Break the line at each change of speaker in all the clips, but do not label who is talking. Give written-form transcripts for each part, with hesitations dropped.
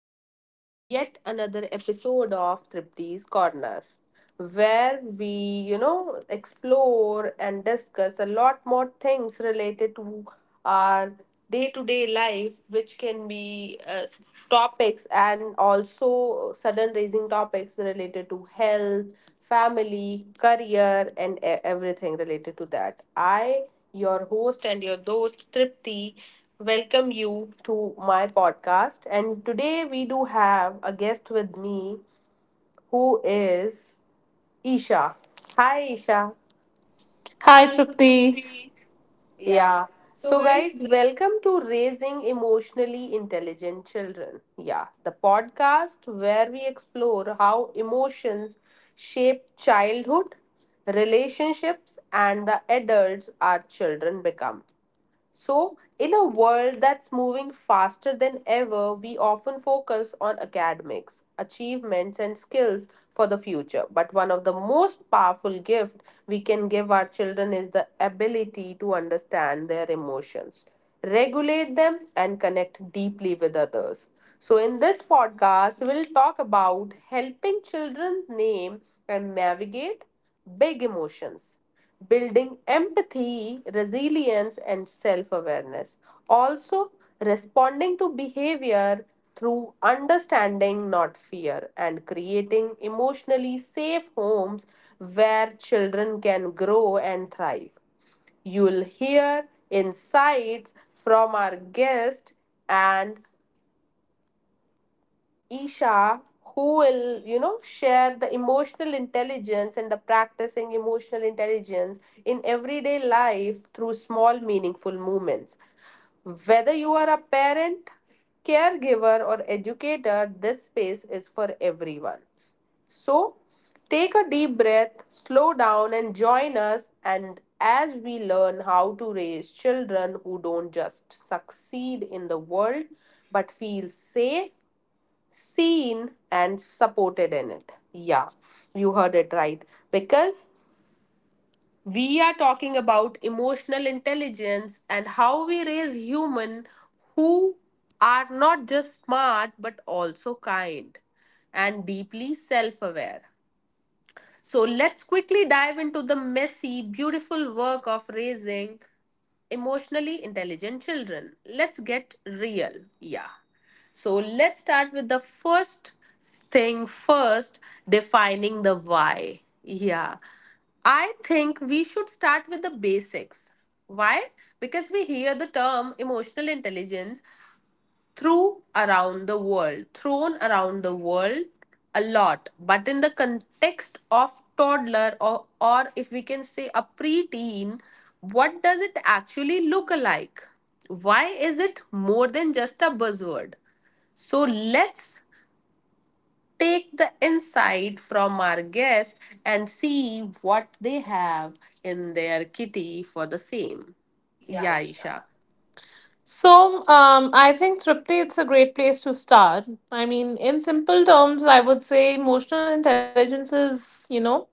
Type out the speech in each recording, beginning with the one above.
to yet another episode of Tripti's Corner, where we explore and discuss a lot more things related to our day-to-day life, which can be topics and also sudden raising topics related to health, family, career, and everything related to that. I your host and your host Tripti. Welcome you to my podcast. And today we do have a guest with me who is Isha. Hi, Isha.
Hi, Tripti.
Yeah. So, guys, welcome to Raising Emotionally Intelligent Children. Yeah, the podcast where we explore how emotions shape childhood, relationships, and the adults our children become. So, in a world that's moving faster than ever, we often focus on academics, achievements, and skills for the future. But one of the most powerful gifts we can give our children is the ability to understand their emotions, regulate them, and connect deeply with others. So, in this podcast, we'll talk about helping children name and navigate big emotions, building empathy, resilience, and self awareness. Also, responding to behavior through understanding, not fear, and creating emotionally safe homes where children can grow and thrive. You'll hear insights from our guest and Isha, who will, share the emotional intelligence and the practicing emotional intelligence in everyday life through small, meaningful moments. Whether you are a parent, caregiver, or educator, this space is for everyone. So, take a deep breath, slow down, and join us. And as we learn how to raise children who don't just succeed in the world but feel safe, seen and supported in it. Yeah, you heard it right. Because we are talking about emotional intelligence and how we raise human who are not just smart but also kind and deeply self-aware. So let's quickly dive into the messy, beautiful work of raising emotionally intelligent children. Let's get real. Yeah. So let's start with the first thing first, defining the why. Yeah. I think we should start with the basics. Why? Because we hear the term emotional intelligence through around the world, thrown around the world a lot, but in the context of toddler or if we can say a preteen, what does it actually look like? Why is it more than just a buzzword? So let's take the insight from our guest and see what they have in their kitty for the same. Yeah, Isha.
So, I think Tripti, it's a great place to start. I mean, in simple terms, I would say emotional intelligence is, you know,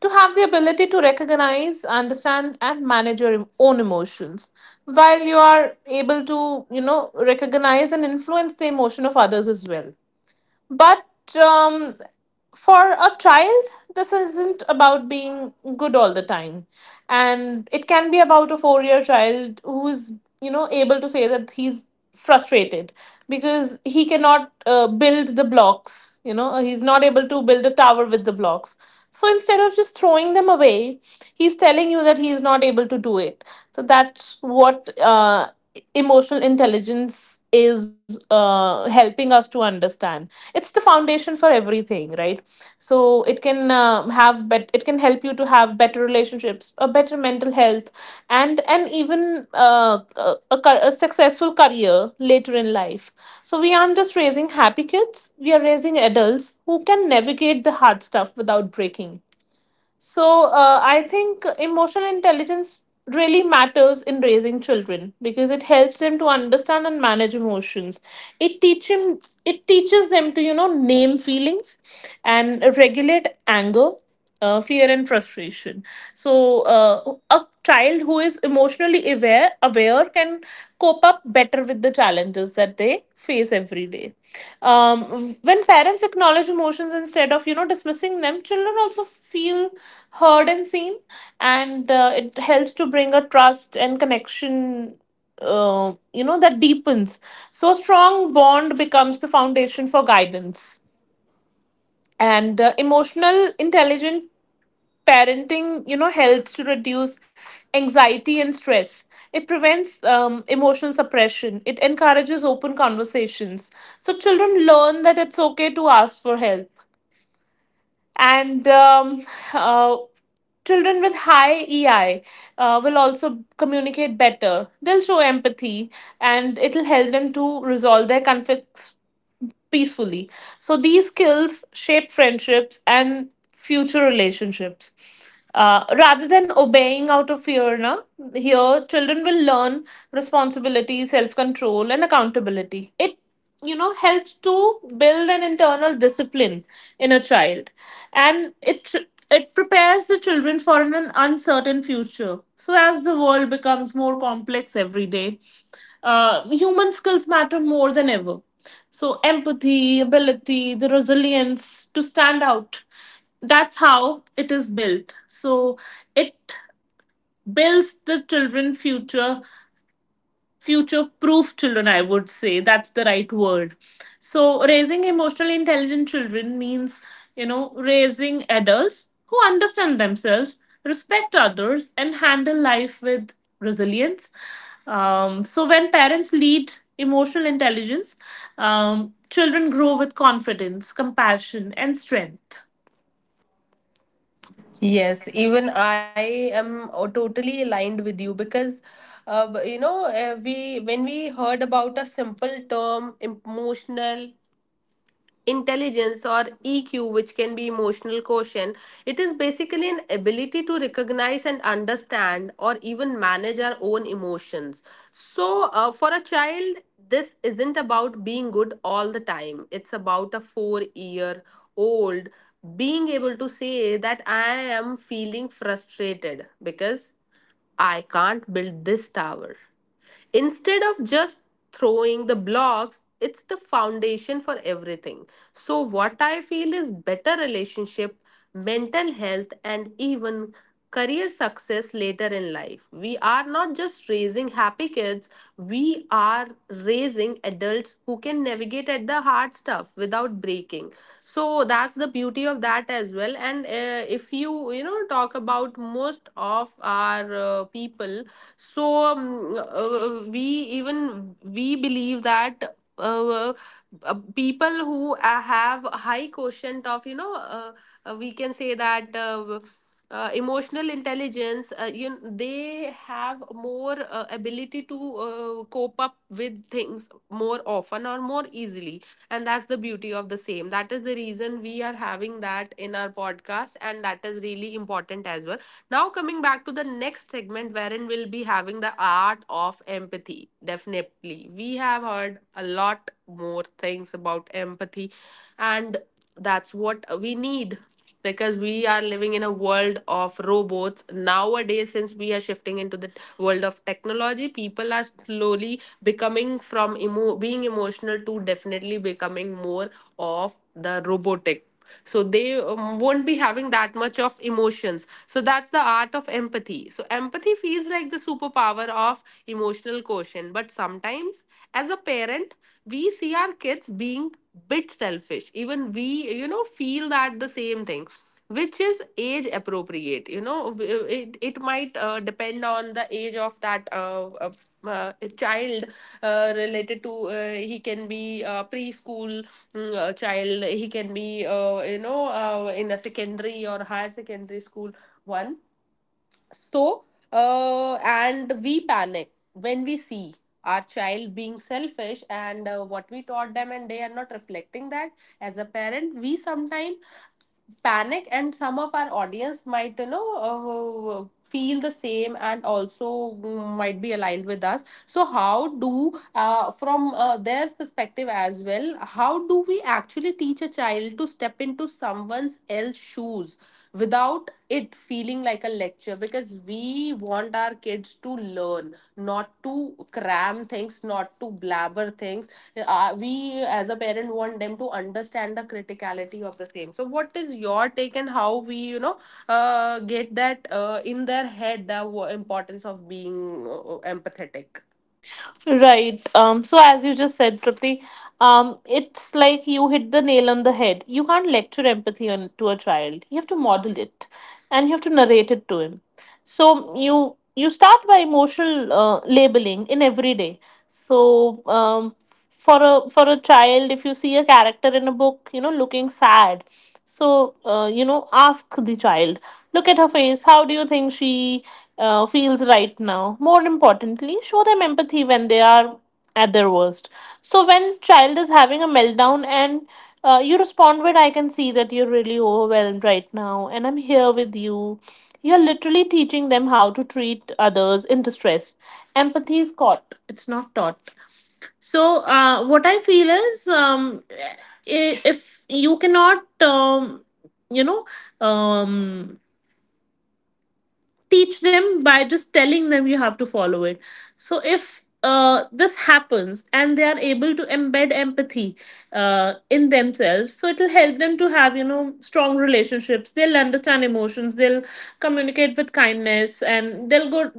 to have the ability to recognize, understand, and manage your own emotions. While you are able to, you know, recognize and influence the emotion of others as well. But for a child, this isn't about being good all the time. And it can be about a 4 year child who's, you know, able to say that he's frustrated because he cannot build the blocks, you know, he's not able to build a tower with the blocks. So instead of just throwing them away, he's telling you that he is not able to do it. So that's what emotional intelligence is helping us to understand. It's the foundation for everything, right? So it can help you to have better relationships, a better mental health, and even a successful career later in life. So we aren't just raising happy kids, we are raising adults who can navigate the hard stuff without breaking. So I think emotional intelligence really matters in raising children because it helps them to understand and manage emotions. It teach him, it teaches them to, you know, name feelings and regulate anger. Fear and frustration. So, a child who is emotionally aware can cope up better with the challenges that they face every day. When parents acknowledge emotions instead of, you know, dismissing them, children also feel heard and seen, and it helps to bring a trust and connection, you know, that deepens. So a strong bond becomes the foundation for guidance, and emotional intelligent parenting, you know, helps to reduce anxiety and stress. It prevents emotional suppression, it encourages open conversations, so children learn that it's okay to ask for help. And um, uh, children with high EI will also communicate better, they'll show empathy, and it'll help them to resolve their conflicts peacefully. So these skills shape friendships and future relationships. Rather than obeying out of fear, na, here children will learn responsibility, self control, and accountability. It, you know, helps to build an internal discipline in a child, and it prepares the children for an uncertain future. So, as the world becomes more complex every day, human skills matter more than ever. So, empathy, ability, the resilience to stand out, that's how it is built. So, it builds the children's future. Future proof children, I would say, that's the right word. So raising emotionally intelligent children means, you know, raising adults who understand themselves, respect others, and handle life with resilience. So when parents lead emotional intelligence, children grow with confidence, compassion, and strength.
Yes, even I am totally aligned with you because, we when we heard about a simple term, emotional intelligence or EQ, which can be emotional quotient. It is basically an ability to recognize and understand or even manage our own emotions. So, for a child, this isn't about being good all the time, it's about a 4 year old being able to say that I am feeling frustrated because I can't build this tower. Instead of just throwing the blocks, it's the foundation for everything. So, what I feel is better relationship, mental health, and even career success later in life. We are not just raising happy kids, we are raising adults who can navigate at the hard stuff without breaking. So, that's the beauty of that as well. And if you, talk about most of our people, so we even we believe that people who have high quotient of we can say that emotional intelligence, you they have more ability to cope up with things more often or more easily, and that's the beauty of the same. That is the reason we are having that in our podcast and that is really important as well. Now, coming back to the next segment, wherein we'll be having the art of empathy. Definitely, we have heard a lot more things about empathy, and that's what we need because we are living in a world of robots nowadays. Since we are shifting into the world of technology, people are slowly becoming from being emotional to definitely becoming more of the robotic, so they won't be having that much of emotions. So that's the art of empathy. So empathy feels like the superpower of emotional quotient, but sometimes as a parent we see our kids being bit selfish. Even we, you know, feel that the same thing, which is age appropriate, you know. It might depend on the age of that child, related to, he can be a preschool child, he can be in a secondary or higher secondary school one. So and we panic when we see our child being selfish and what we taught them and they are not reflecting that. As a parent we sometimes panic and some of our audience might, feel the same and also might be aligned with us. So how do from their perspective as well, how do we actually teach a child to step into someone's else shoes without it feeling like a lecture? Because we want our kids to learn, not to cram things, not to blabber things. We as a parent want them to understand the criticality of the same. So what is your take, and how we, get that in their head, the importance of being empathetic?
Right. So as you just said, Tripti, it's like you hit the nail on the head. You can't lecture empathy on to a child. You have to model it, and you have to narrate it to him. So you start by emotional labeling in everyday. So for a child, if you see a character in a book, you know, looking sad, so you know, ask the child, look at her face, how do you think she feels right now? More importantly, show them empathy when they are at their worst. So when child is having a meltdown and you respond with, I can see that you're really overwhelmed right now and I'm here with you, you're literally teaching them how to treat others in distress. Empathy is caught, it's not taught. So what I feel is I- if you cannot, um, you know, um, teach them by just telling them, you have to follow it. So if this happens and they are able to embed empathy in themselves, so it'll help them to have, you know, strong relationships, they'll understand emotions, they'll communicate with kindness, and they'll go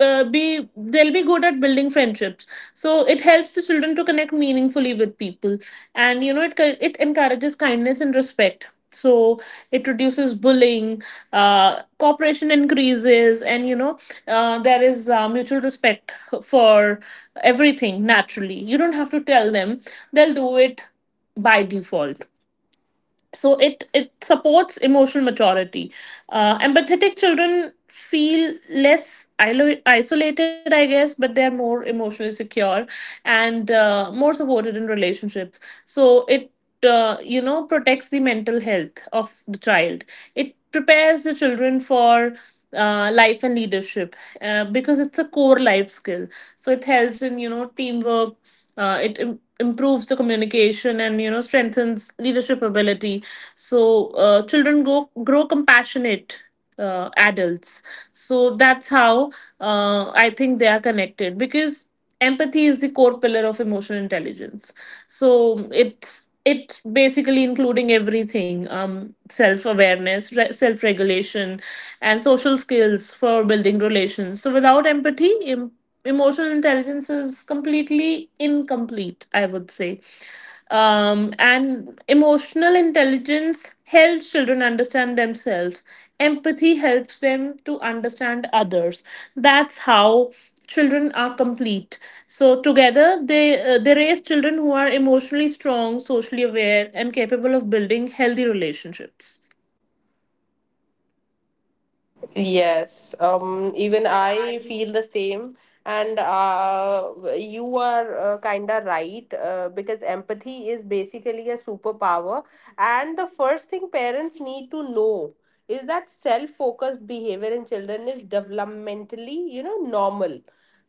uh, be they'll be good at building friendships. So it helps the children to connect meaningfully with people, and, you know, it encourages kindness and respect. So it reduces bullying, cooperation increases, and, you know, there is mutual respect for everything naturally. You don't have to tell them, they'll do it by default. So it supports emotional maturity. Empathetic children feel less isolated, I guess, but they're more emotionally secure and more supported in relationships. So it you know, protects the mental health of the child. It prepares the children for life and leadership, because it's a core life skill. So it helps in, you know, teamwork, improves the communication, and, you know, strengthens leadership ability. So children go grow compassionate adults. So that's how I think they are connected, because empathy is the core pillar of emotional intelligence. So it's basically including everything: self awareness, self regulation, and social skills for building relations. So without empathy, emotional intelligence is completely incomplete, I would say. And emotional intelligence helps children understand themselves, empathy helps them to understand others. That's how children are complete. So together, they they raise children who are emotionally strong, socially aware, and capable of building healthy relationships.
Yes, even I feel the same. And you are kind of right, because empathy is basically a superpower. And the first thing parents need to know is that self focused behavior in children is developmentally, you know, normal.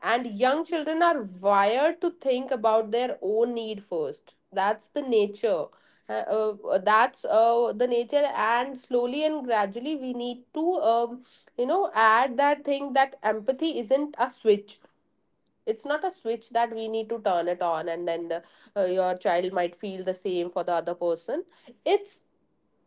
And young children are wired to think about their own need first. That's the nature. That's the nature, and slowly and gradually, we need to. You know, add that thing that empathy isn't a switch, it's not a switch that we need to turn it on, and then the, your child might feel the same for the other person. It's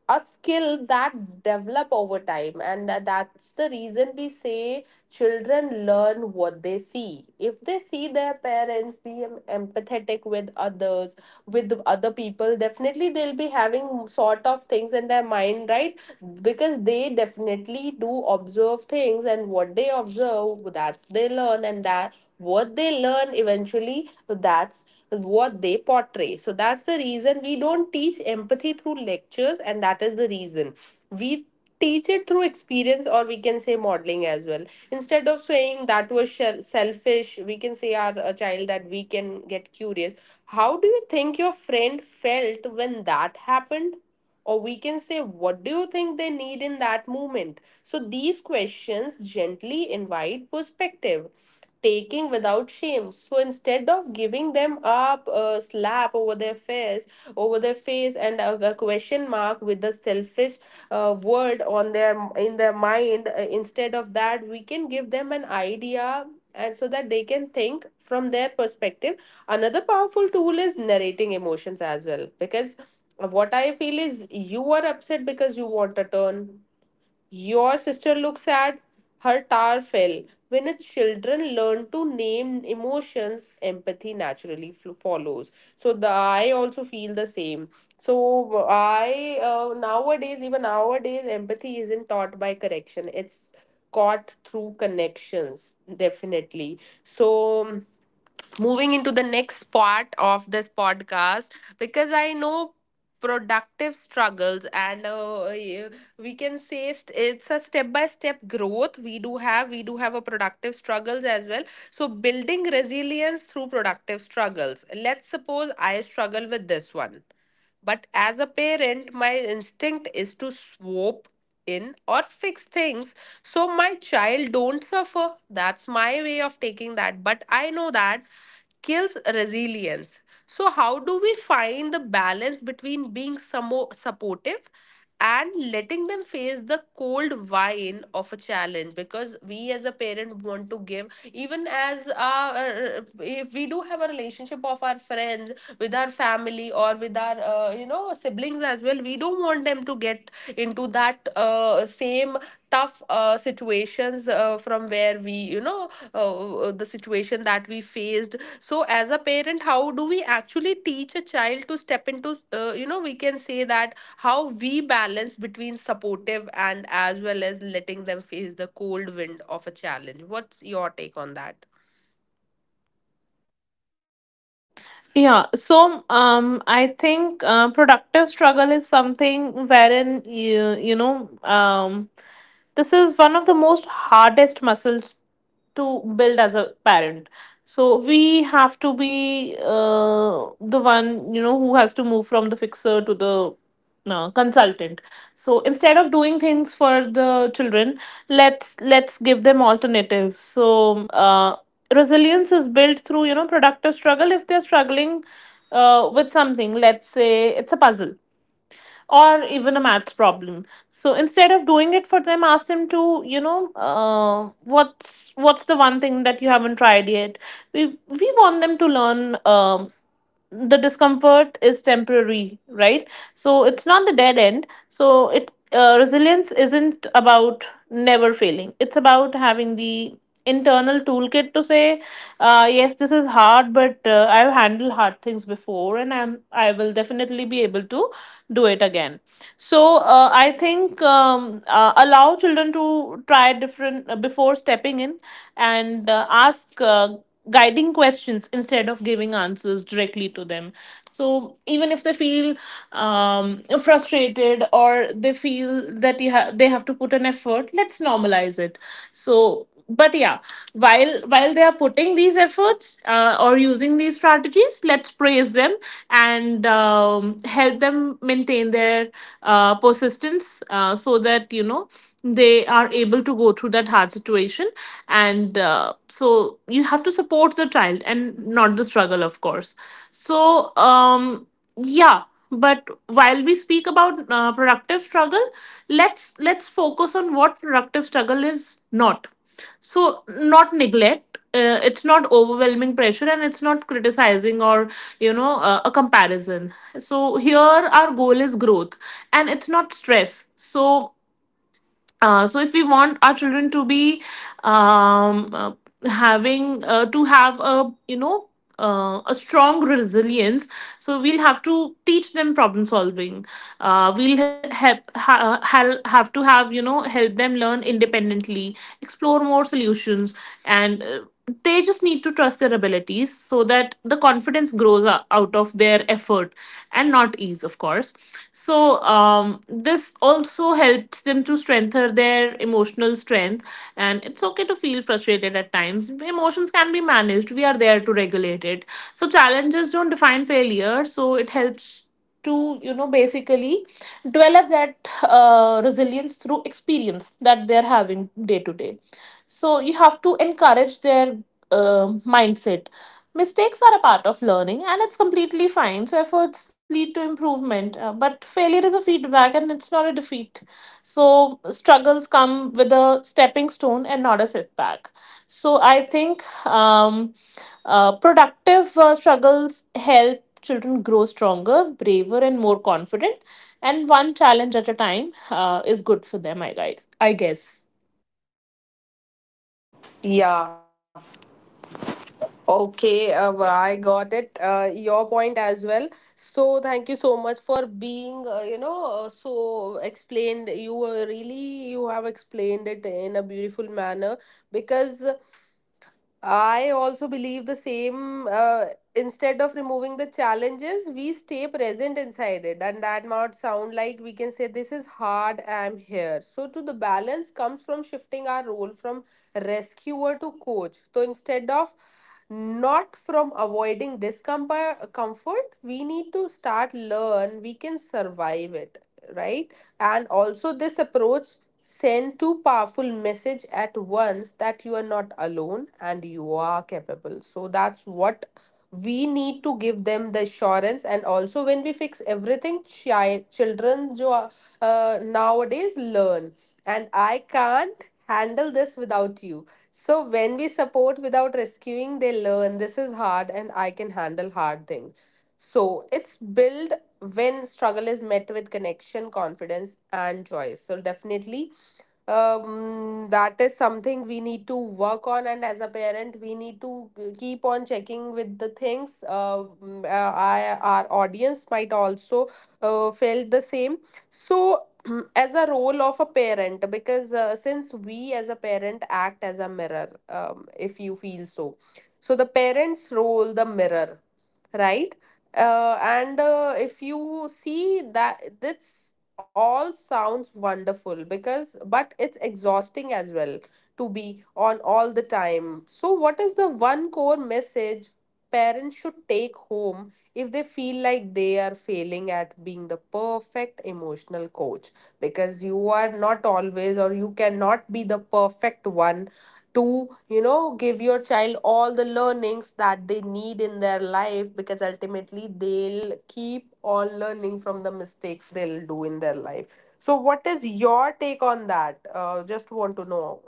a skill that develop over time, and that's the reason we say children learn what they see. If they see their parents being empathetic with others, with the other people, definitely they'll be having sort of things in their mind, right? Because they definitely do observe things, and what they observe, that's they learn, and that what they learn eventually, that's what they portray. So that's the reason we don't teach empathy through lectures, and that is the reason we teach it through experience, or we can say modeling as well. Instead of saying that was selfish, we can say our a child that we can get curious, how do you think your friend felt when that happened, or we can say what do you think they need in that moment. So these questions gently invite perspective taking without shame. So instead of giving them up a slap over their face, over their face, and a question mark with the selfish word on their in their mind, instead of that, we can give them an idea, and so that they can think from their perspective. Another powerful tool is narrating emotions as well, because what I feel is, you are upset because you want a turn, your sister looks at her tar fell. When a children learn to name emotions, empathy naturally follows. So the I also feel the same. So I, nowadays, even nowadays, empathy isn't taught by correction. It's caught through connections, definitely. So moving into the next part of this podcast, because I know productive struggles and yeah, we can say it's a step by step growth. We do have a productive struggles as well. So building resilience through productive struggles, let's suppose I struggle with this one, but as a parent my instinct is to swoop in or fix things so my child don't suffer. That's my way of taking that, but I know that kills resilience. So how do we find the balance between being supportive and letting them face the cold wine of a challenge? Because we as a parent want to give, even as our, if we do have a relationship of our friends with our family or with our siblings as well, we don't want them to get into that same tough situations, from where we, the situation that we faced. So as a parent, how do we actually teach a child to step into, we can say that, how we balance between supportive and as well as letting them face the cold wind of a challenge? What's your take on that?
Yeah, so I think productive struggle is something wherein you, you know, this is one of the most hardest muscles to build as a parent. So we have to be the one, you know, who has to move from the fixer to the consultant. So instead of doing things for the children, let's give them alternatives. So resilience is built through, you know, productive struggle. If they're struggling with something, let's say it's a puzzle or even a maths problem, so instead of doing it for them, ask them to, you know, what's the one thing that you haven't tried yet. We want them to learn, the discomfort is temporary, right? So it's not the dead end. So it, resilience isn't about never failing, it's about having the internal toolkit to say, yes, this is hard, but I've handled hard things before and I will definitely be able to do it again. So I think allow children to try different before stepping in, and ask guiding questions instead of giving answers directly to them. So even if they feel frustrated, or they feel that they have to put an effort, let's normalize it. So but yeah, while they are putting these efforts or using these strategies, let's praise them and help them maintain their persistence, so that, you know, they are able to go through that hard situation. And so you have to support the child and not the struggle, of course. So yeah, but while we speak about productive struggle, let's focus on what productive struggle is not. So not neglect, it's not overwhelming pressure, and it's not criticizing or, you know, a comparison. So here our goal is growth, and it's not stress. So if we want our children to be um, uh, having to have a, you know, a strong resilience, so we'll have to teach them problem solving, we'll have to have, you know, help them learn independently, explore more solutions, and they just need to trust their abilities, so that the confidence grows out of their effort and not ease, of course. So this also helps them to strengthen their emotional strength. And it's okay to feel frustrated at times, emotions can be managed, we are there to regulate it. So challenges don't define failure. So it helps to, you know, basically develop that resilience through experience that they're having day to day. So you have to encourage their uh, mindset. Mistakes are a part of learning and it's completely fine. So efforts lead to improvement, but failure is a feedback and it's not a defeat. So struggles come with a stepping stone and not a setback. So I think productive struggles help children grow stronger, braver, and more confident. And one challenge at a time is good for them, I guess. I guess.
Yeah. Okay, I got it. Your point as well. So thank you so much for being, so explained. You were really you have explained it in a beautiful manner because I also believe the same. Instead of removing the challenges, we stay present inside it. And that might sound like we can say, This is hard, I'm here. So, to the balance comes from shifting our role from rescuer to coach. So, instead of not from avoiding discomfort, comfort, we need to start learn we can survive it, right? And also, this approach send two powerful message at once that you are not alone and you are capable. So that's what we need to give them the assurance. And also, when we fix everything, children nowadays learn. And I can't handle this without you. So when we support without rescuing, they learn this is hard and I can handle hard things. So it's build when struggle is met with connection, confidence, and joy. So, definitely, that is something we need to work on. And as a parent, we need to keep on checking with the things. Our audience might also felt the same. So, as a role of a parent, because since we as a parent act as a mirror, if you feel so. So, the parent's role, the mirror, right? And If you see that this all sounds wonderful because but it's exhausting as well to be on all the time. So what is the one core message parents should take home if they feel like they are failing at being the perfect emotional coach, because you are not always or you cannot be the perfect one to you know give your child all the learnings that they need in their life, because ultimately they'll keep on learning from the mistakes they'll do in their life. So what is your take on that? Just want to know.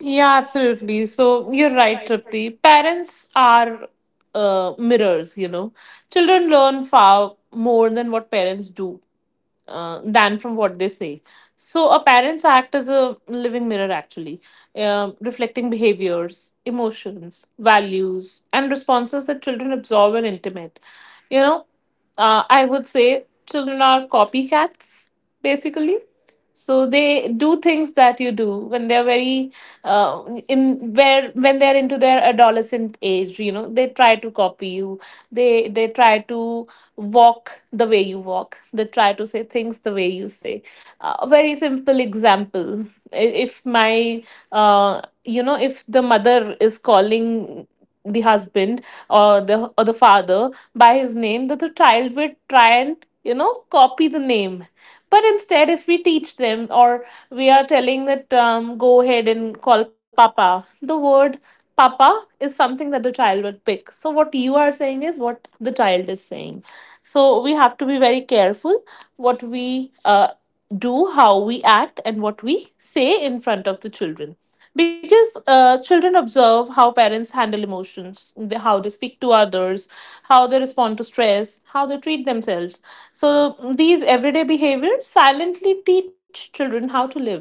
Yeah, absolutely. So you're right, Tripti. Parents are mirrors, you know. Children learn far more than what parents do, than from what they say. So a parent's act is a living mirror, actually, reflecting behaviors, emotions, values, and responses that children absorb and intimate. You know, I would say children are copycats, basically, so they do things that you do when they're very uh, in where when they're into their adolescent age. You know, they try to copy you. They try to walk the way you walk. They try to say things the way you say. A very simple example, i- if my if the mother is calling the husband or the father by his name, that the child would try and, you know copy the name. But instead, if we teach them, or we are telling that, go ahead and call papa, the word papa is something that the child will pick. So what you are saying is what the child is saying. So we have to be very careful what we do, how we act, and what we say in front of the children, because children observe how parents handle emotions, how they speak to others, how they respond to stress, how they treat themselves. So these everyday behaviors silently teach children how to live.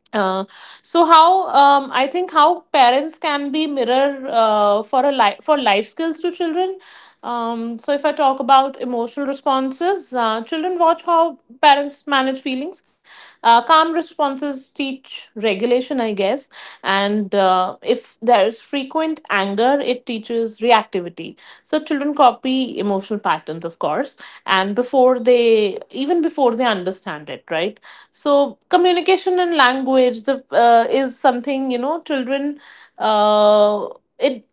uh, how I think how parents can be mirror for a life, for life skills to children. So if I talk about emotional responses, children watch how parents manage feelings. Calm responses teach regulation, I guess, and if there's frequent anger, it teaches reactivity. So children copy emotional patterns, of course, and before they understand it, right? So communication and language, is something, you know, children, uh, it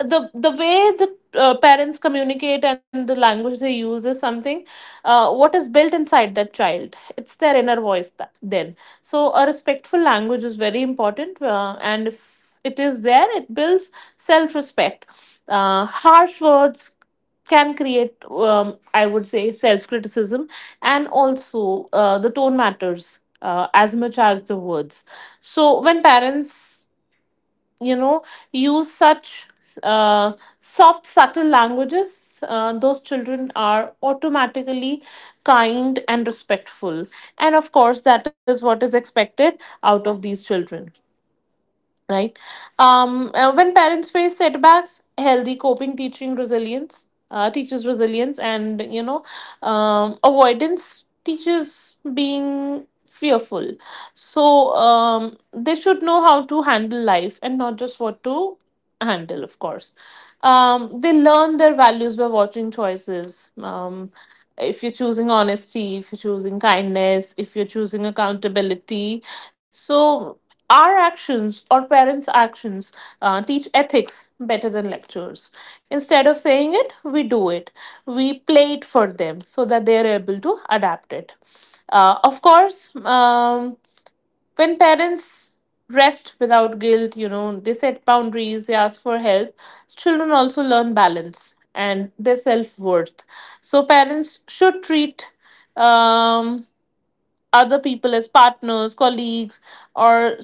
the way the parents communicate and the language they use is something, what is built inside that child. It's their inner voice that, then, so a respectful language is very important, and if it is there, it builds self respect. Harsh words can create, I would say, self criticism. And also, the tone matters as much as the words. So when parents, you know use such uh, soft, subtle languages, those children are automatically kind and respectful. And of course, that is what is expected out of these children, right? When parents face setbacks, healthy coping teaches resilience, and, avoidance teaches being fearful. So, they should know how to handle life and not just what to handle, of course. They learn their values by watching choices. If you're choosing honesty, if you're choosing kindness, if you're choosing accountability. So our actions, or parents' actions, teach ethics better than lectures. Instead of saying it, we do it. We play it for them so that they're able to adapt it. Uh, of course, um, when parents rest without guilt, you know, they set boundaries, they ask for help, children also learn balance and their self-worth. So parents should treat, um, other people as partners, colleagues, or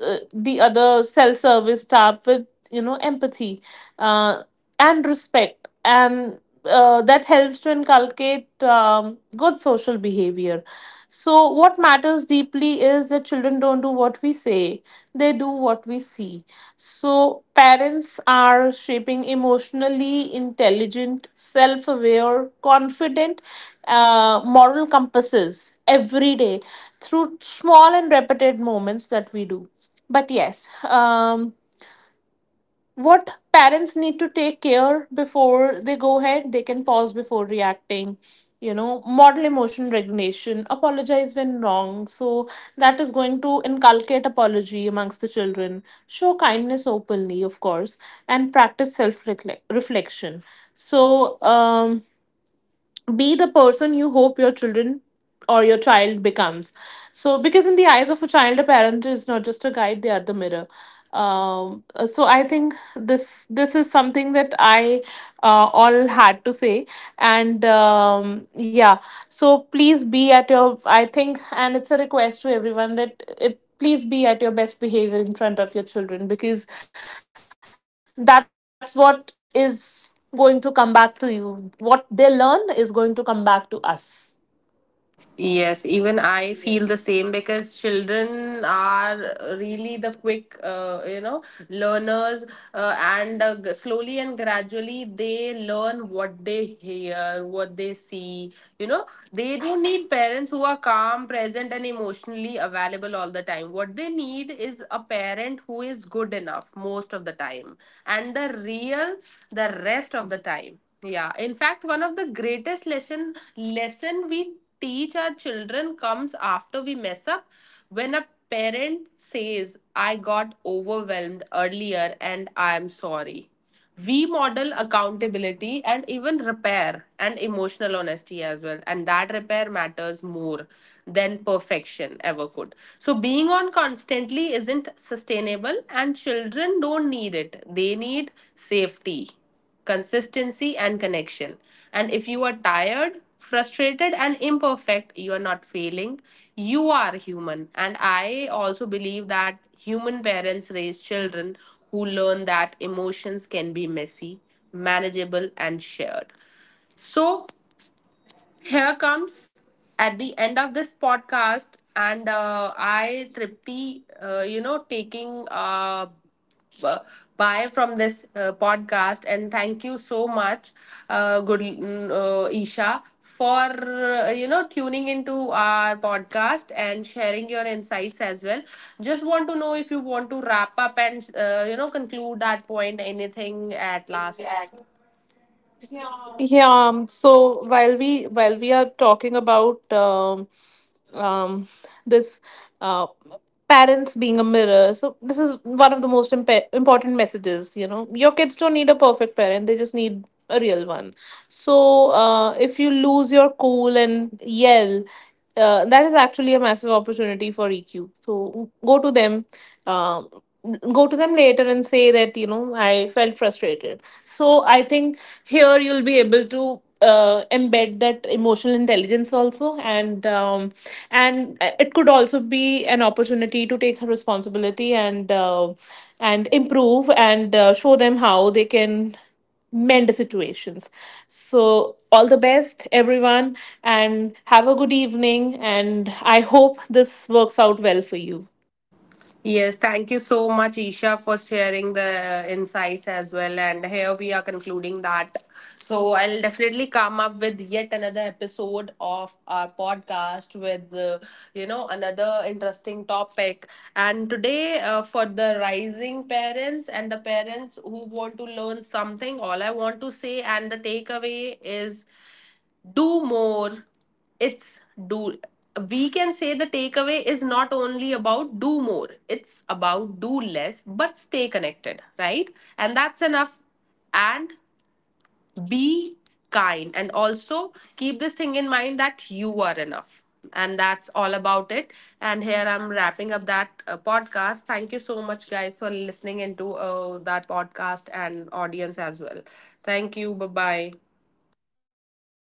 the other self service staff with, you know, empathy uh, and respect, and that helps to inculcate good social behavior. So what matters deeply is that children don't do what we say, they do what we see. So parents are shaping emotionally intelligent, self aware, confident, moral compasses every day through small and repeated moments that we do. But yes, what parents need to take care before they go ahead: they can pause before reacting, you know, model emotion regulation, apologize when wrong, so that is going to inculcate apology amongst the children, show kindness openly, of course, and practice self reflection. So, be the person you hope your children or your child becomes. So because in the eyes of a child, a parent is not just a guide, they are the mirror. I think this is something that I all had to say. And um, yeah so please be at your, I think, and it's a request to everyone, that it please be at your best behavior in front of your children, because that's what is going to come back to you. What they learn is going to come back to us.
Yes, even I feel the same because children are really the quick, learners, slowly and gradually they learn what they hear, what they see. You know, they don't need parents who are calm, present, and emotionally available all the time. What they need is a parent who is good enough most of the time, and the real the rest of the time. Yeah, in fact, one of the greatest lesson we teach our children comes after we mess up. When a parent says, I got overwhelmed earlier and I am sorry, we model accountability and even repair and emotional honesty as well. And that repair matters more than perfection ever could. So, being on constantly isn't sustainable, and children don't need it, they need safety, consistency, and connection. And if you are tired, frustrated, and imperfect, you are not failing. You are human. And I also believe that human parents raise children who learn that emotions can be messy, manageable, and shared. So, here comes at the end of this podcast, and I, Tripti, taking b- bye from this podcast, and thank you so much, Isha, for tuning into our podcast and sharing your insights as well. Just want to know if you want to wrap up and conclude that point, anything at last.
Yeah, so while we are talking about, um, this uh, parents being a mirror, so this is one of the most important messages. You know, your kids don't need a perfect parent; they just need a real one. So if you lose your cool and yell, that is actually a massive opportunity for EQ. So um, go to them later and say that, you know, I felt frustrated. So I think here you'll be able to embed that emotional intelligence also, and it could also be an opportunity to take responsibility, and improve, and show them how they can mend the situations. So all the best, everyone, and have a good evening. And I hope this works out well for you.
Yes, thank you so much, Isha, for sharing the insights as well. And here we are concluding that. So I'll definitely come up with yet another episode of our podcast with, another interesting topic. And today, for the rising parents and the parents who want to learn something, all I want to say and the takeaway is do more, it's do we can say the takeaway is not only about do more, it's about do less but stay connected, right? And that's enough. And be kind, and also keep this thing in mind that you are enough. And that's all about it. And here I'm wrapping up that podcast. Thank you so much guys for listening into that podcast and audience as well. Thank you. Bye bye.